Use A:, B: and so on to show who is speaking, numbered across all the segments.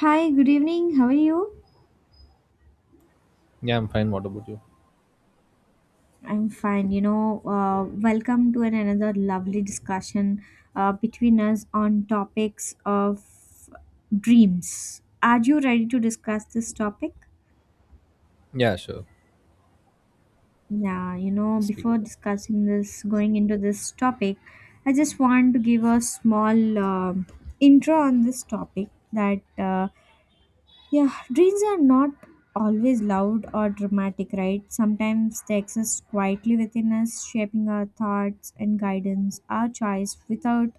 A: Hi, good evening. How are you?
B: Yeah, I'm fine. What about you?
A: I'm fine. Welcome to another lovely discussion between us on topics of dreams. Are you ready to discuss this topic?
B: Yeah, sure.
A: Yeah, you know,
B: Speak.
A: before discussing this, going into this topic, I just want to give a small intro on this topic that Yeah, dreams are not always loud or dramatic, right? Sometimes they exist quietly within us, shaping our thoughts and guidance, our choice without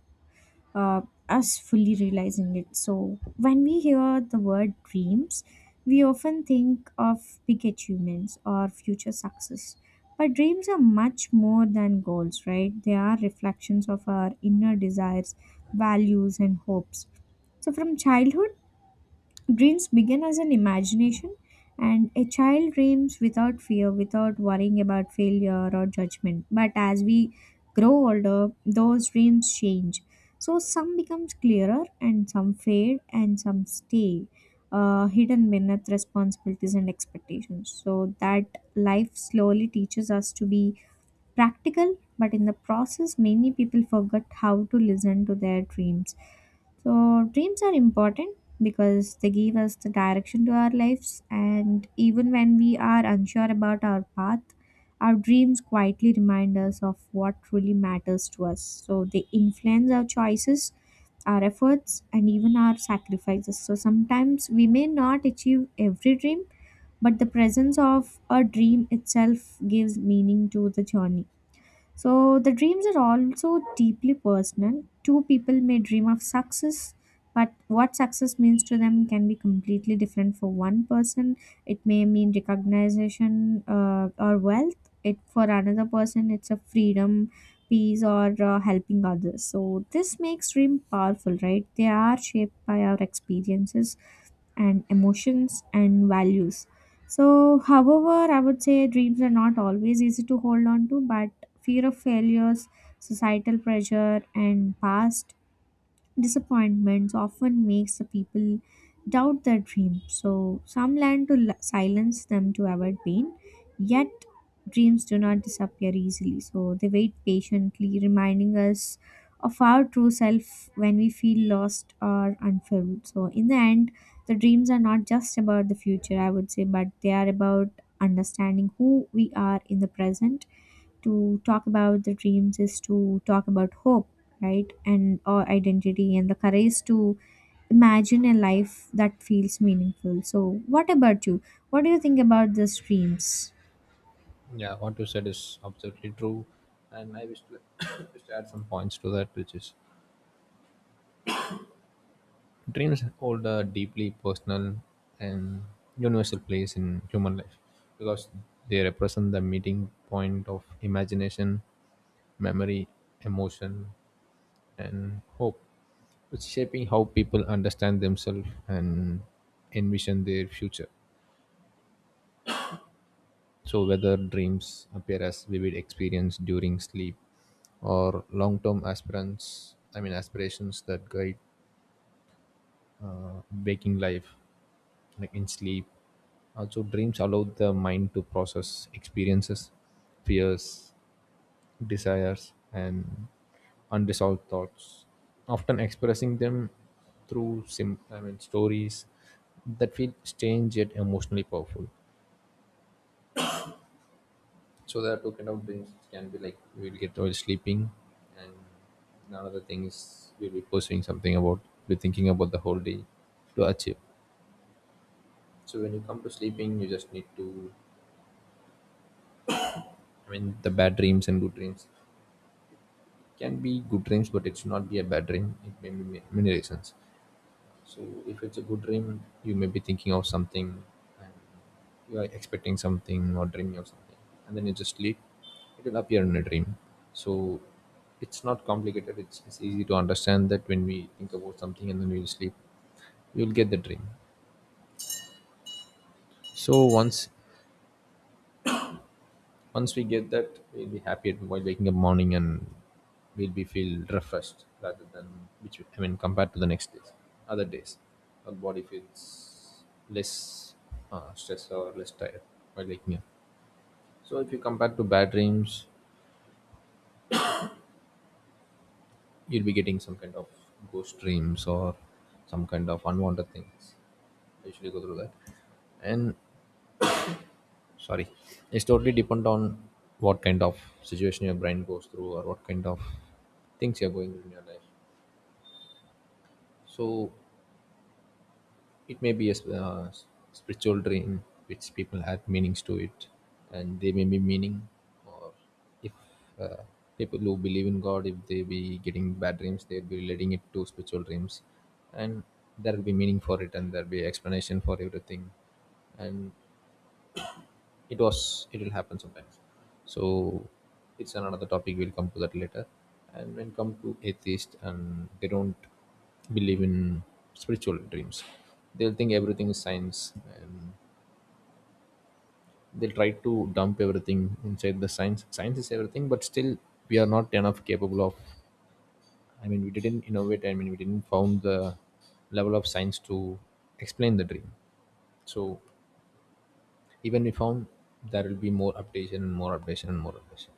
A: uh, us fully realizing it. So, when we hear the word dreams, we often think of big achievements or future success. But dreams are much more than goals, right? They are reflections of our inner desires, values, and hopes. So, from childhood, dreams begin as an imagination, and a child dreams without fear, without worrying about failure or judgment. But as we grow older, those dreams change. So some becomes clearer, and some fade, and some stay hidden beneath responsibilities and expectations. So that life slowly teaches us to be practical, but in the process, many people forget how to listen to their dreams. So, dreams are important because they give us the direction to our lives, and even when we are unsure about our path, our dreams quietly remind us of what truly matters to us. So, they influence our choices, our efforts, and even our sacrifices. So, sometimes we may not achieve every dream, but the presence of a dream itself gives meaning to the journey. So the dreams are also deeply personal. Two people may dream of success, but what success means to them can be completely different for one person. It may mean recognition or wealth. It for another person, it's a freedom, peace, or helping others. So this makes dream powerful, right? They are shaped by our experiences and emotions and values. So, however, I would say dreams are not always easy to hold on to, but fear of failures, societal pressure, and past disappointments often makes the people doubt their dream. So some learn to silence them to avoid pain, yet dreams do not disappear easily. So they wait patiently, reminding us of our true self when we feel lost or unfulfilled. So in the end, the dreams are not just about the future, I would say, but they are about understanding who we are in the present. To talk about the dreams is to talk about hope, right, and or identity and the courage to imagine a life that feels meaningful. So what about you? What do you think about these dreams?
B: Yeah, what you said is absolutely true, and I wish to, wish to add some points to that, which is dreams hold a deeply personal and universal place in human life because they represent the meeting point of imagination, memory, emotion, and hope, which is shaping how people understand themselves and envision their future. So, whether dreams appear as vivid experience during sleep or long-term aspirants, I mean aspirations that guide waking life, like in sleep. Also, dreams allow the mind to process experiences, fears, desires, and unresolved thoughts, often expressing them through I mean stories that feel strange yet emotionally powerful. So there are two kind of dreams. It can be like we'll get while sleeping, and another thing is we'll be pursuing something about, be thinking about the whole day to achieve. So when you come to sleeping, you just need to. I mean, the bad dreams and good dreams can be good dreams, but it should not be a bad dream. It may be many reasons. So if it's a good dream, you may be thinking of something and you are expecting something or dreaming of something, and then you just sleep, it will appear in a dream. So it's not complicated, it's easy to understand that when we think about something and then we sleep, you'll get the dream. So once we get that, we'll be happy while waking up morning, and we'll be feel refreshed rather than which I mean compared to the next days, other days, our body feels less stressed or less tired while waking up. So if you compare to bad dreams, you'll be getting some kind of ghost dreams or some kind of unwanted things. I usually go through that, and sorry, it's totally depend on what kind of situation your brain goes through or what kind of things you're going through in your life. So it may be a spiritual dream which people add meanings to it, and they may be meaning, or if uh, people who believe in God, if they be getting bad dreams, they'll be relating it to spiritual dreams, and there will be meaning for it, and there'll be explanation for everything, and it will happen sometimes. So it's another topic, we'll come to that later. And when come to atheist, and they don't believe in spiritual dreams, they'll think everything is science, and they'll try to dump everything inside the science. Is everything, but still we are not enough capable of, I mean we didn't innovate, I mean we didn't found the level of science to explain the dream. So even we found, there will be more updation and more updation and more updation.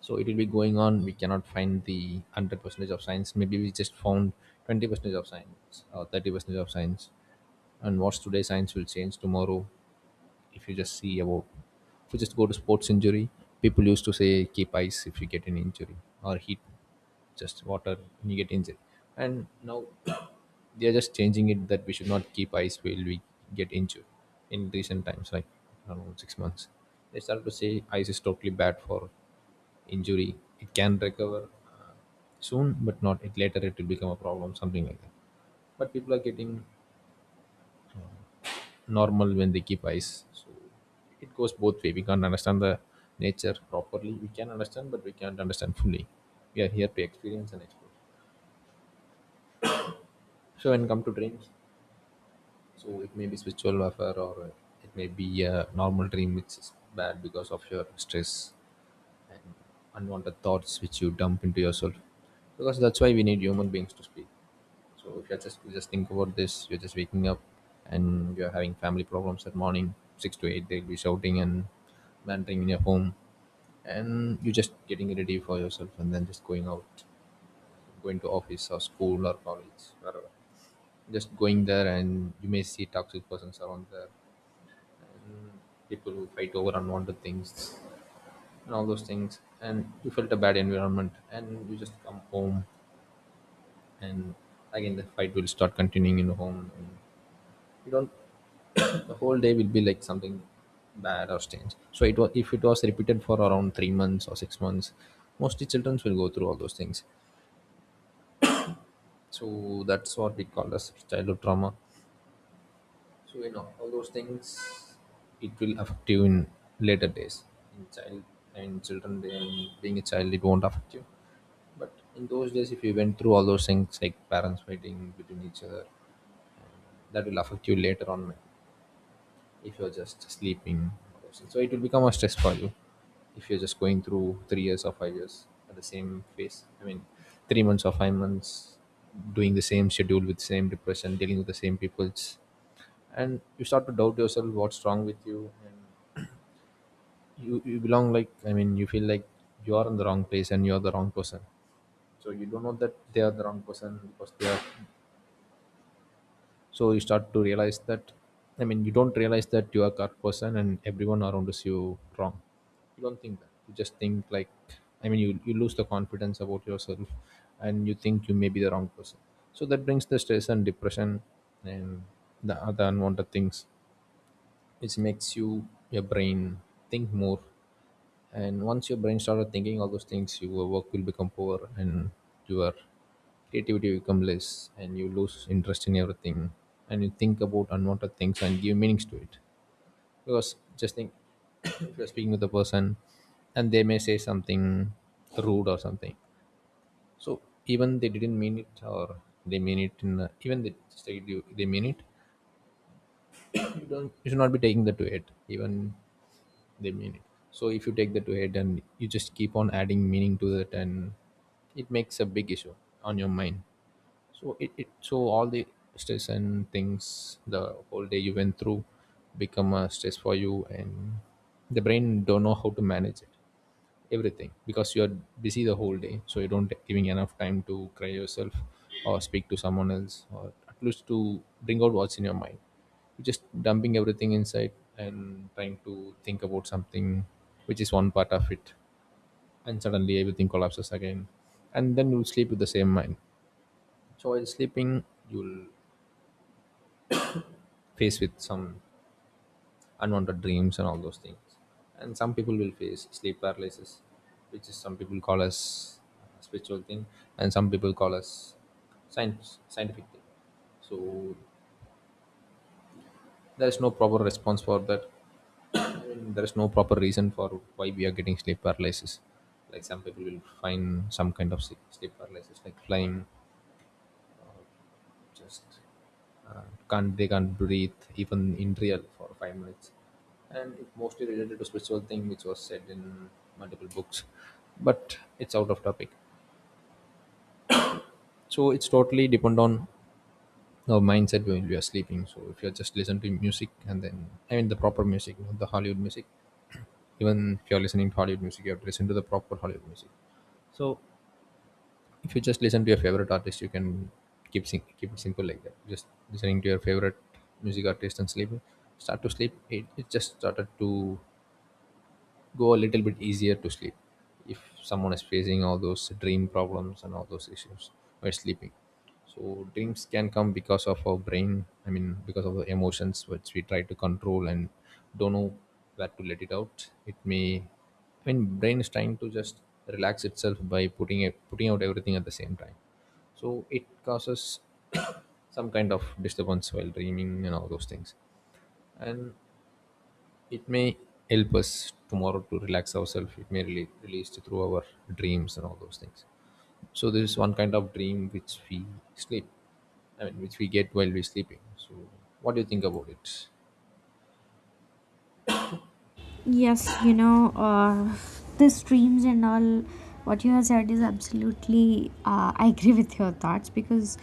B: So it will be going on, we cannot find the 100 percentage of science. Maybe we just found 20 percentage of science or 30 percentage of science, and what's today science will change tomorrow. If you just see about If you just go to sports injury, people used to say keep ice if you get an injury, or heat, just water, when you get injured. And now they are just changing it that we should not keep ice while we get injured. In recent times, like I don't know, 6 months, they started to say ice is totally bad for injury, it can recover soon, but not, it later it will become a problem, something like that. But people are getting normal when they keep ice. So it goes both way. We can't understand the nature properly. We can understand, but we can't understand fully. We are here to experience and explore. So when come to dreams, so it may be spiritual warfare, or it may be a normal dream which is bad because of your stress and unwanted thoughts which you dump into yourself. Because that's why we need human beings to speak. So if you're just think about this, you're just waking up and you're having family problems at morning, 6 to 8, they'll be shouting and bantering in your home, and you're just getting ready for yourself and then just going out, going to office or school or college, wherever. Just going there and you may see toxic persons around there, people who fight over unwanted things and all those things, and you felt a bad environment and you just come home, and again the fight will start continuing in the home. And you don't, the whole day will be like something bad or strange. So it was if it was repeated for around 3 months or 6 months, mostly children will go through all those things. So that's what we call as childhood trauma. So you know all those things, it will affect you in later days. In child and children, and being a child, it won't affect you. But in those days, if you went through all those things like parents fighting between each other, that will affect you later on if you're just sleeping. So it will become a stress for you if you're just going through 3 years or 5 years at the same phase. I mean, 3 months or 5 months doing the same schedule with same depression, dealing with the same peoples, and you start to doubt yourself what's wrong with you, and you belong, like I mean you feel like you are in the wrong place and you're the wrong person. So you don't know that they are the wrong person, because they are. So you start to realize that, I mean you don't realize that you are correct person and everyone around is you wrong. You don't think that, you just think like, I mean you lose the confidence about yourself, and you think you may be the wrong person. So that brings the stress and depression and the other unwanted things which makes you your brain think more. And once your brain started thinking all those things, your work will become poor, and your creativity will become less, and you lose interest in everything, and you think about unwanted things and give meanings to it. Because just think, if you're speaking with a person and they may say something rude or something. So even they didn't mean it or they mean it in a, even they just they mean it, you don't, you should not be taking that to it. Even they mean it. So if you take that to head and you just keep on adding meaning to that, and it makes a big issue on your mind. So it so all the stress and things the whole day you went through become a stress for you, and the brain don't know how to manage it everything because you're busy the whole day, so you don't giving enough time to cry yourself or speak to someone else or at least to bring out what's in your mind. You're just dumping everything inside and trying to think about something, which is one part of it, and suddenly everything collapses again, and then you'll sleep with the same mind. So while sleeping, you'll face with some unwanted dreams and all those things, and some people will face sleep paralysis, which is some people call as spiritual thing, and some people call as science scientific thing. So there is no proper response for that, and there is no proper reason for why we are getting sleep paralysis. Like some people will find some kind of sleep paralysis like flying, just uh, can't, they can't breathe even in real for 5 minutes, and it mostly related to spiritual thing which was said in multiple books, but it's out of topic. So it's totally depend on our mindset when we are sleeping. So if you're just listen to music and then, I mean the proper music, not the Hollywood music. Even if you're listening to Hollywood music, you have to listen to the proper Hollywood music. If you just listen to your favorite artist, you can keep it simple like that, just listening to your favorite music artist and sleep, start to sleep, it just started to go a little bit easier to sleep if someone is facing all those dream problems and all those issues while sleeping. So dreams can come because of our brain, I mean because of the emotions which we try to control and don't know where to let it out. It may, I mean brain is trying to just relax itself by putting out everything at the same time. So it causes some kind of disturbance while dreaming and all those things, and it may help us tomorrow to relax ourselves. It may really release through our dreams and all those things. So there is one kind of dream which we sleep. I mean, which we get while we're sleeping. So what do you think about it?
A: Yes, you know, these dreams and all, what you have said is absolutely, I agree with your thoughts because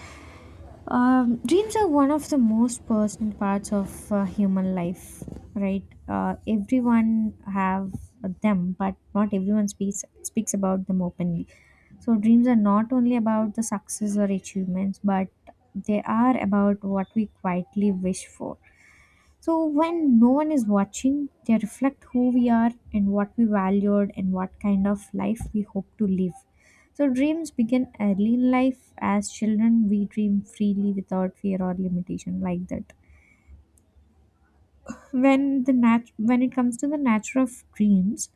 A: Dreams are one of the most personal parts of human life, right? Everyone have them, but not everyone speaks about them openly. So dreams are not only about the success or achievements, but they are about what we quietly wish for. So when no one is watching, they reflect who we are and what we valued and what kind of life we hope to live. So dreams begin early in life. As children, we dream freely without fear or limitation like that. When it comes to the nature of dreams,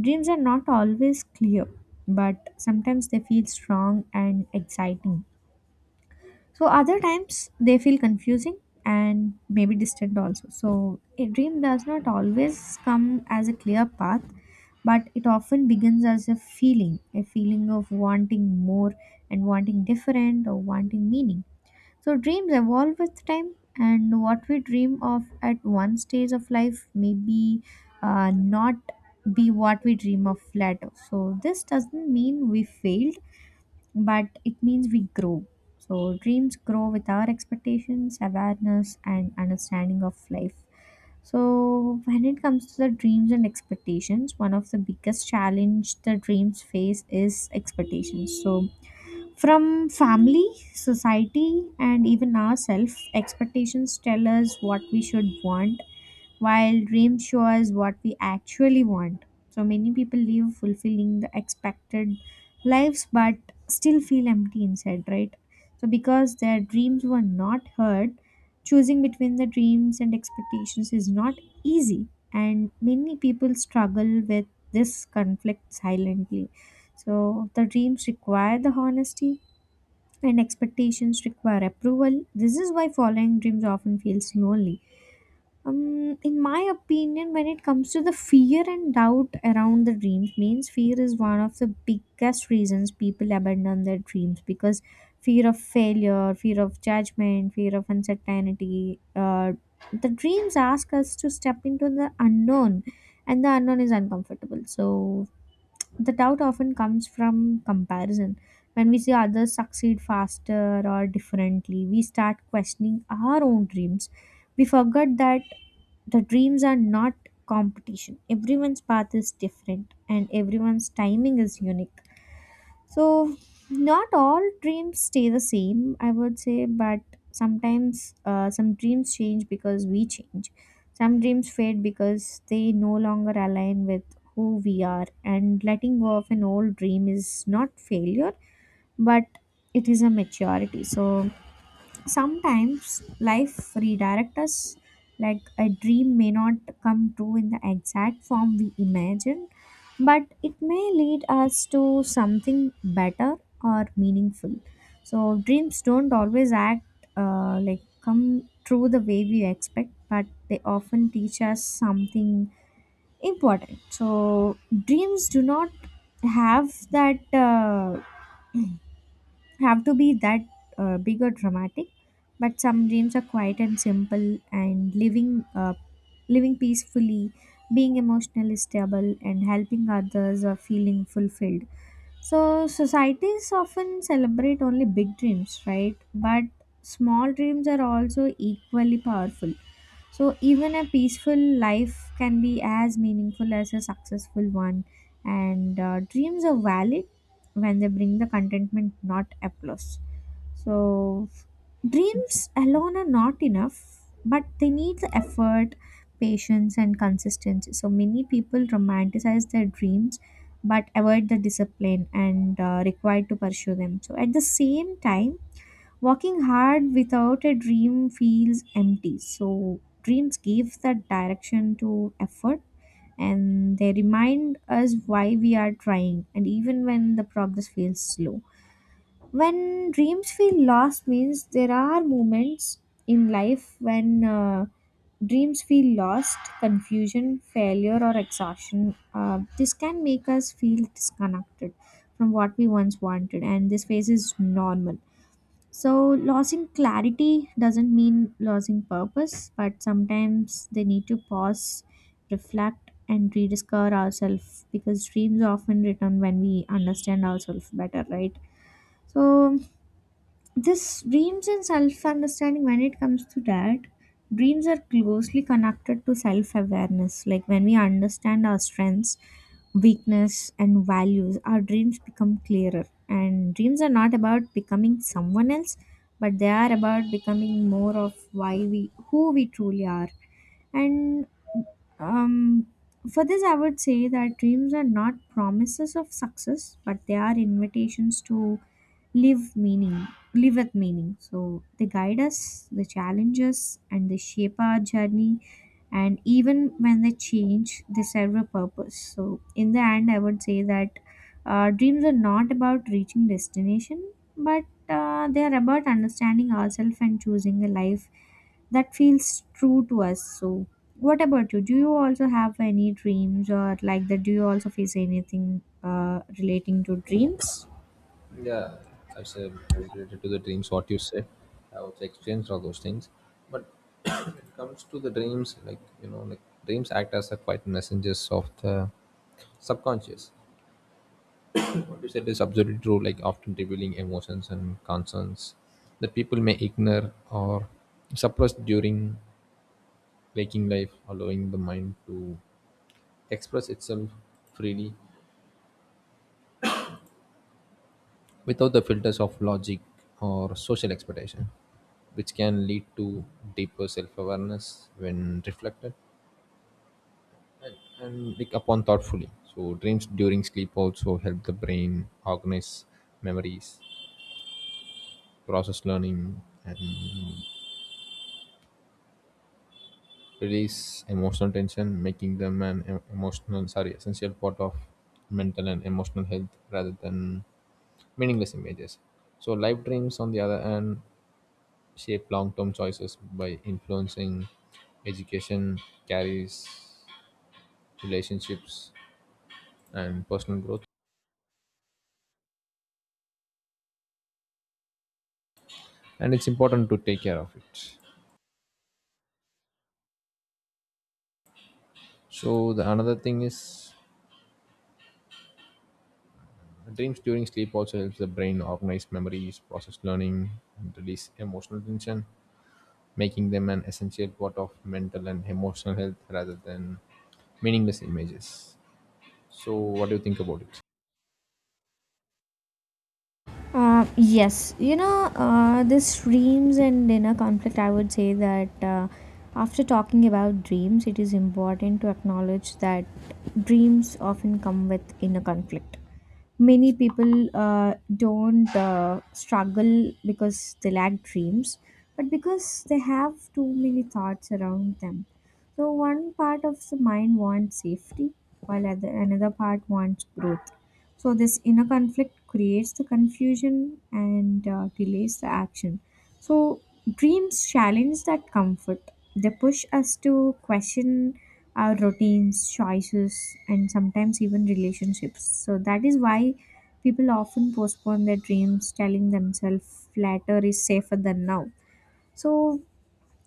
A: dreams are not always clear, but sometimes they feel strong and exciting. So other times they feel confusing and maybe distant also. So a dream does not always come as a clear path, but it often begins as a feeling of wanting more and wanting different or wanting meaning. So dreams evolve with time, and what we dream of at one stage of life may be not be what we dream of later. So this doesn't mean we failed, but it means we grow. So dreams grow with our expectations, awareness, and understanding of life. So when it comes to the dreams and expectations, one of the biggest challenge the dreams face is expectations. So from family, society, and even ourselves, expectations tell us what we should want while dreams show us what we actually want. So many people live fulfilling the expected lives but still feel empty inside, right? So because their dreams were not heard, choosing between the dreams and expectations is not easy, and many people struggle with this conflict silently. So the dreams require the honesty and expectations require approval. This is why following dreams often feels lonely. Um, in my opinion, when it comes to the fear and doubt around the dreams means fear is one of the biggest reasons people abandon their dreams, because fear of failure, fear of judgment, fear of uncertainty, the dreams ask us to step into the unknown, and the unknown is uncomfortable. So the doubt often comes from comparison. When we see others succeed faster or differently, we start questioning our own dreams. We forget that the dreams are not competition. Everyone's path is different and everyone's timing is unique. So, not all dreams stay the same, I would say, but sometimes some dreams change because we change. Some dreams fade because they no longer align with who we are, and letting go of an old dream is not failure, but it is a maturity. So, sometimes life redirects us, like a dream may not come true in the exact form we imagine, but it may lead us to something better or meaningful. So, dreams don't always act like come true the way we expect, but they often teach us something important. So, dreams do not have that. Have to be that big or dramatic, but some dreams are quiet and simple and living living peacefully, being emotionally stable and helping others or feeling fulfilled. So, societies often celebrate only big dreams, right? But small dreams are also equally powerful. So, even a peaceful life can be as meaningful as a successful one. And dreams are valid when they bring the contentment, not applause. So, dreams alone are not enough, but they need the effort, patience, and consistency. So, many people romanticize their dreams but avoid the discipline and required to pursue them. So at the same time, working hard without a dream feels empty. So dreams give that direction to effort and they remind us why we are trying and even when the progress feels slow. When dreams feel lost means there are moments in life when dreams feel lost, confusion, failure, or exhaustion. This can make us feel disconnected from what we once wanted, and this phase is normal. So, losing clarity doesn't mean losing purpose, but sometimes they need to pause, reflect, and rediscover ourselves because dreams often return when we understand ourselves better, right? So, this dreams and self understanding, when it comes to that, dreams are closely connected to self awareness. Like when we understand our strengths, weakness, and values, our dreams become clearer. And dreams are not about becoming someone else, but they are about becoming more of who we truly are. And um, for this, I would say that dreams are not promises of success, but they are invitations to live meaning live with meaning. So they guide us, they challenge us, and they shape our journey, and even when they change they serve a purpose. So in the end, I would say that dreams are not about reaching destination, but they are about understanding ourselves and choosing a life that feels true to us. So what about you? Do you also have any dreams or like that? Do you also face anything relating to dreams?
B: Yeah, I said I related to the dreams what you said. I also experienced all those things. But when it comes to the dreams, like dreams act as a quiet messengers of the subconscious. What you said is absolutely true. Like often revealing emotions and concerns that people may ignore or suppress during waking life, allowing the mind to express itself freely without the filters of logic or social expectation, which can lead to deeper self-awareness when reflected and like upon thoughtfully. So dreams during sleep also help the brain organize memories, process learning, and release emotional tension, making them an essential part of mental and emotional health rather than meaningless images. So live dreams, on the other hand, shape long term choices by influencing education, carries, relationships, and personal growth. And it's important to take care of it. So the another thing is dreams during sleep also helps the brain organize memories, process learning, and release emotional tension making them an essential part of mental and emotional health rather than meaningless images. So what do you think about it?
A: Yes, you know, this dreams and inner conflict, I would say that after talking about dreams, it is important to acknowledge that dreams often come with inner conflict. Many people don't struggle because they lack dreams, but because they have too many thoughts around them. So, one part of the mind wants safety, while another part wants growth. So this inner conflict creates the confusion and delays the action. So dreams challenge that comfort. They push us to question our routines, choices, and sometimes even relationships. So that is why people often postpone their dreams, telling themselves later is safer than now. So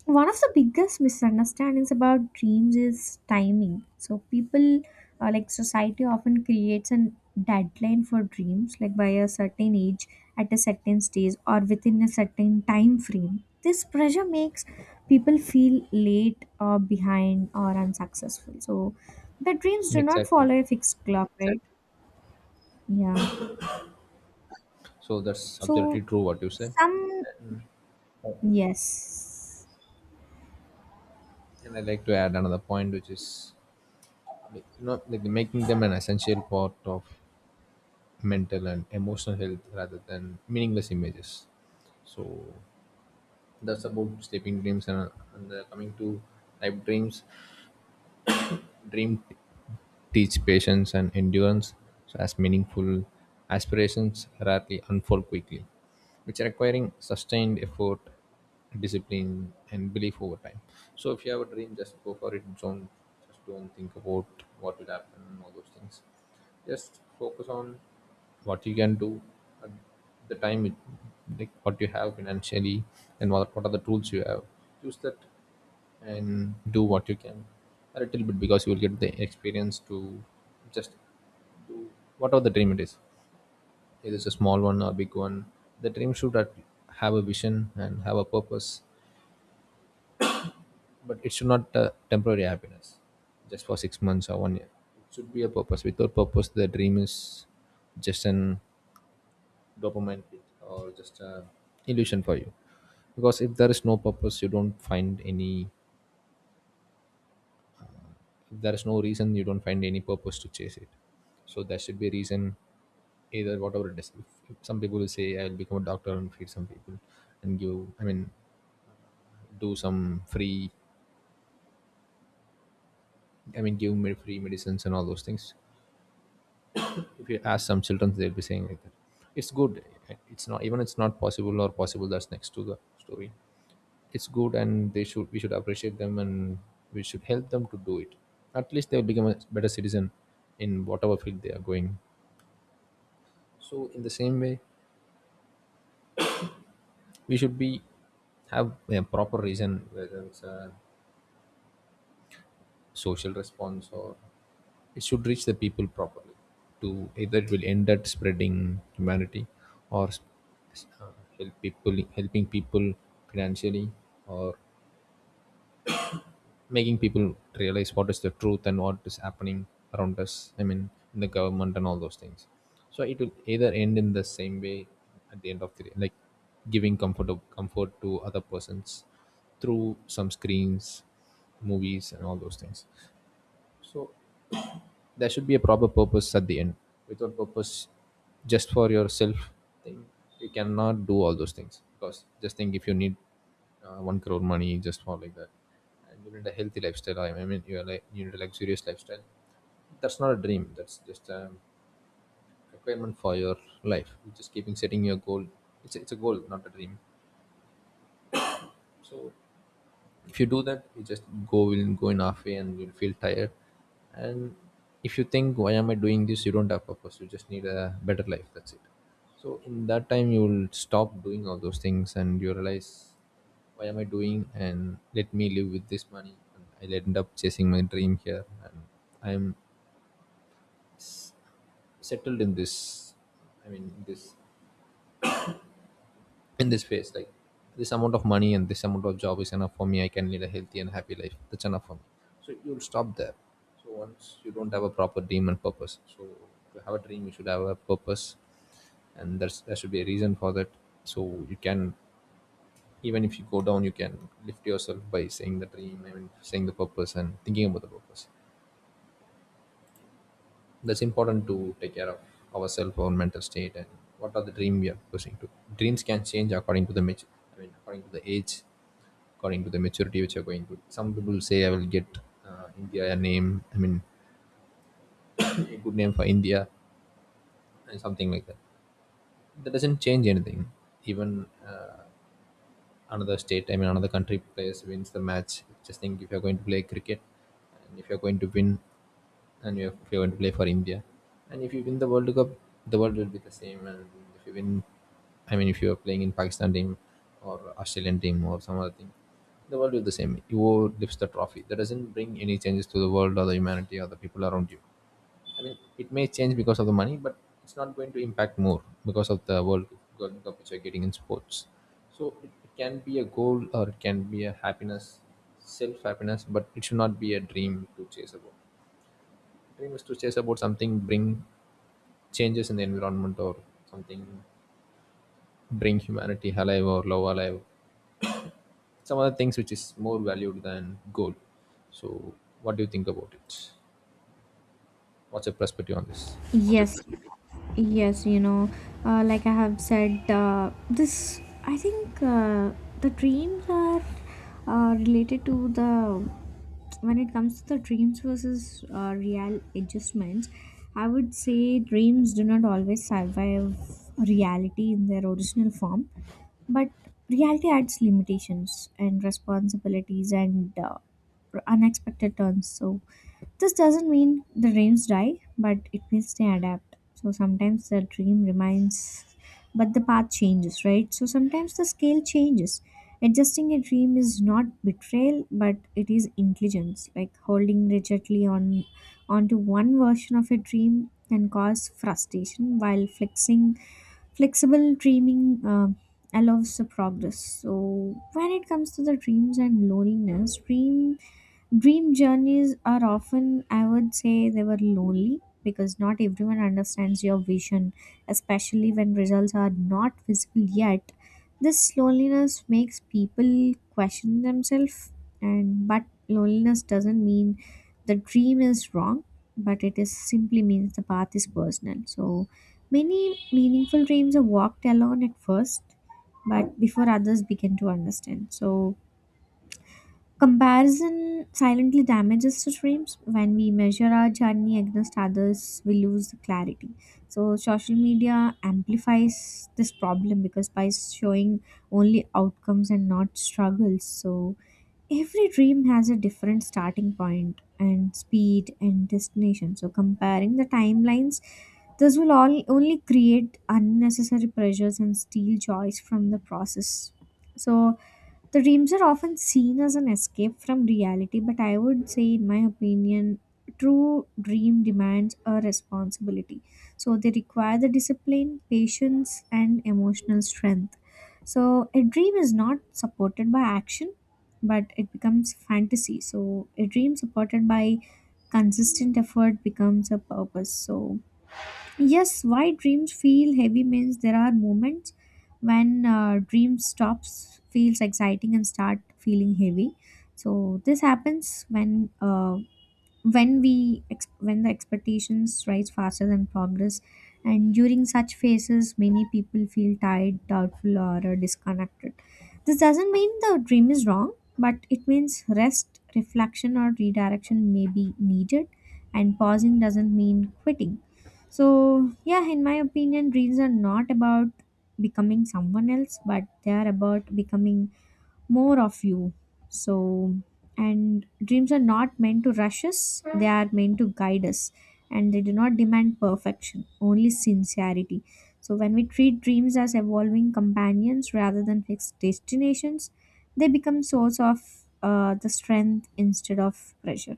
A: one of the biggest misunderstandings about dreams is timing. So people like society often creates a deadline for dreams like by a certain age at a certain stage or within a certain time frame. This pressure makes people feel late or behind or unsuccessful. So the dreams do not
B: Exactly.
A: follow a fixed clock, right? Yeah.
B: So that's absolutely
A: So
B: true what you said.
A: some,
B: Uh,
A: yes.
B: And I like to add another point, which is like, you know, like making them an essential part of mental and emotional health rather than meaningless images. So that's about sleeping dreams and coming to life dreams. Dream teach patience and endurance so as meaningful aspirations rarely unfold quickly, which are requiring sustained effort, discipline, and belief over time. So if you have a dream, just go for it. Don't just don't think about what will happen and all those things. Just focus on what you can do at the time, it, like what you have financially, and what are the tools you have. Use that and do what you can a little bit because you will get the experience to just do whatever the dream it is, either it's a small one or a big one. The dream should have a vision and have a purpose, but it should not temporary happiness just for 6 months or one year. It should be a purpose. Without purpose the dream is just an dopamine hit or just a illusion for you, because if there is no purpose you don't find any, there is no reason, you don't find any purpose to chase it. So there should be a reason, either whatever it is. If some people will say I will become a doctor and feed some people and give, I mean, do some free, I mean, give me free medicines and all those things. If you ask some children they'll be saying like that. It's good. It's not even, it's not possible or possible, that's next to the story. It's good and they should, we should appreciate them and we should help them to do it. At least they'll become a better citizen in whatever field they are going. So in the same way we should be have a proper reason, whether it's a social response or it should reach the people properly, to either it will end at spreading humanity or s- uh, help people helping people financially, or making people realize what is the truth and what is happening around us, I mean in the government and all those things. So it will either end in the same way at the end of the day, like giving comfort to other persons through some screens, movies and all those things. So there should be a proper purpose at the end. Without purpose, just for yourself thing, you cannot do all those things. Because just think, if you need one crore money just for like that, and you need a healthy lifestyle, I mean you are like, you need a luxurious lifestyle, that's not a dream, that's just a requirement for your life. You're just keeping setting your goal. It's a goal, not a dream. So if you do that, you just go will go in halfway and you'll feel tired. And if you think why am I doing this, you don't have purpose, you just need a better life, that's it. So in that time you will stop doing all those things and you realize why am I doing, and let me live with this money, and I'll end up chasing my dream here. And I'm settled in this, I mean this, in this phase, like this amount of money and this amount of job is enough for me, I can lead a healthy and happy life, that's enough for me. So you'll stop there. So once you don't have a proper dream and purpose. So to have a dream you should have a purpose, and there should be a reason for that. So you can, even if you go down, you can lift yourself by saying the dream, I mean saying the purpose and thinking about the purpose. That's important to take care of ourselves, our mental state, and what are the dream we are pursuing to. Dreams can change according to the mature, I mean, according to the age, according to the maturity which you're going to. Some people say I will get India a name, I mean, a good name for India, and something like that. That doesn't change anything. Even another state, I mean another country players wins the match. Just think if you're going to play cricket and if you're going to win, and if you're going to play for India and if you win the World Cup, the world will be the same. And if you win, I mean if you are playing in Pakistan team or Australian team or some other thing, the world will be the same. You lifts the trophy. That doesn't bring any changes to the world or the humanity or the people around you. I mean, it may change because of the money, but it's not going to impact more because of the World Cup which you're getting in sports. So it can be a goal or it can be a happiness, self happiness, but it should not be a dream to chase about. Dream is to chase about something, bring changes in the environment or something, bring humanity alive or love alive. Some other things which is more valued than goal. So what do you think about it? What's your perspective on this?
A: Yes, yes, you know, like I have said, this I think the dreams are related to the when it comes to the dreams versus real adjustments. I would say dreams do not always survive reality in their original form, but reality adds limitations and responsibilities and unexpected turns. So this doesn't mean the dreams die, but it means they adapt. So sometimes the dream remains, but the path changes, right? So sometimes the scale changes. Adjusting a dream is not betrayal, but it is intelligence. Like holding rigidly on onto one version of a dream can cause frustration, while flexing flexible dreaming allows the progress. So when it comes to the dreams and loneliness, dream journeys are often, I would say, they were lonely because not everyone understands your vision, especially when results are not visible yet. This loneliness makes people question themselves, and but loneliness doesn't mean the dream is wrong, but it is simply means the path is personal. So many meaningful dreams are walked alone at first, but before others begin to understand. So comparison silently damages the dreams. When we measure our journey against others, we lose the clarity. So, social media amplifies this problem because by showing only outcomes and not struggles, so every dream has a different starting point and speed and destination. So, comparing the timelines, this will all only create unnecessary pressures and steal joys from the process. So, the dreams are often seen as an escape from reality, but I would say, in my opinion, true dream demands a responsibility. So they require the discipline, patience, and emotional strength. So a dream is not supported by action, but it becomes fantasy. So a dream supported by consistent effort becomes a purpose. So yes, why dreams feel heavy means there are moments when dream stops feels exciting and start feeling heavy. So this happens when when the expectations rise faster than progress, and during such phases many people feel tired, doubtful, or disconnected. This doesn't mean the dream is wrong, but it means rest, reflection, or redirection may be needed, and pausing doesn't mean quitting. So yeah, in my opinion, dreams are not about becoming someone else, but they are about becoming more of you. So, and dreams are not meant to rush us, they are meant to guide us. And they do not demand perfection, only sincerity. So, when we treat dreams as evolving companions rather than fixed destinations, they become source of the strength instead of pressure.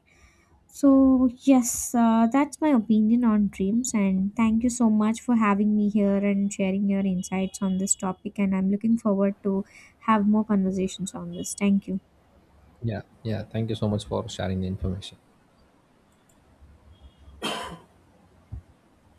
A: So, yes, that's my opinion on dreams. And thank you so much for having me here and sharing your insights on this topic. And I'm looking forward to have more conversations on this. Thank you.
B: Yeah, yeah. Thank you so much for sharing the information.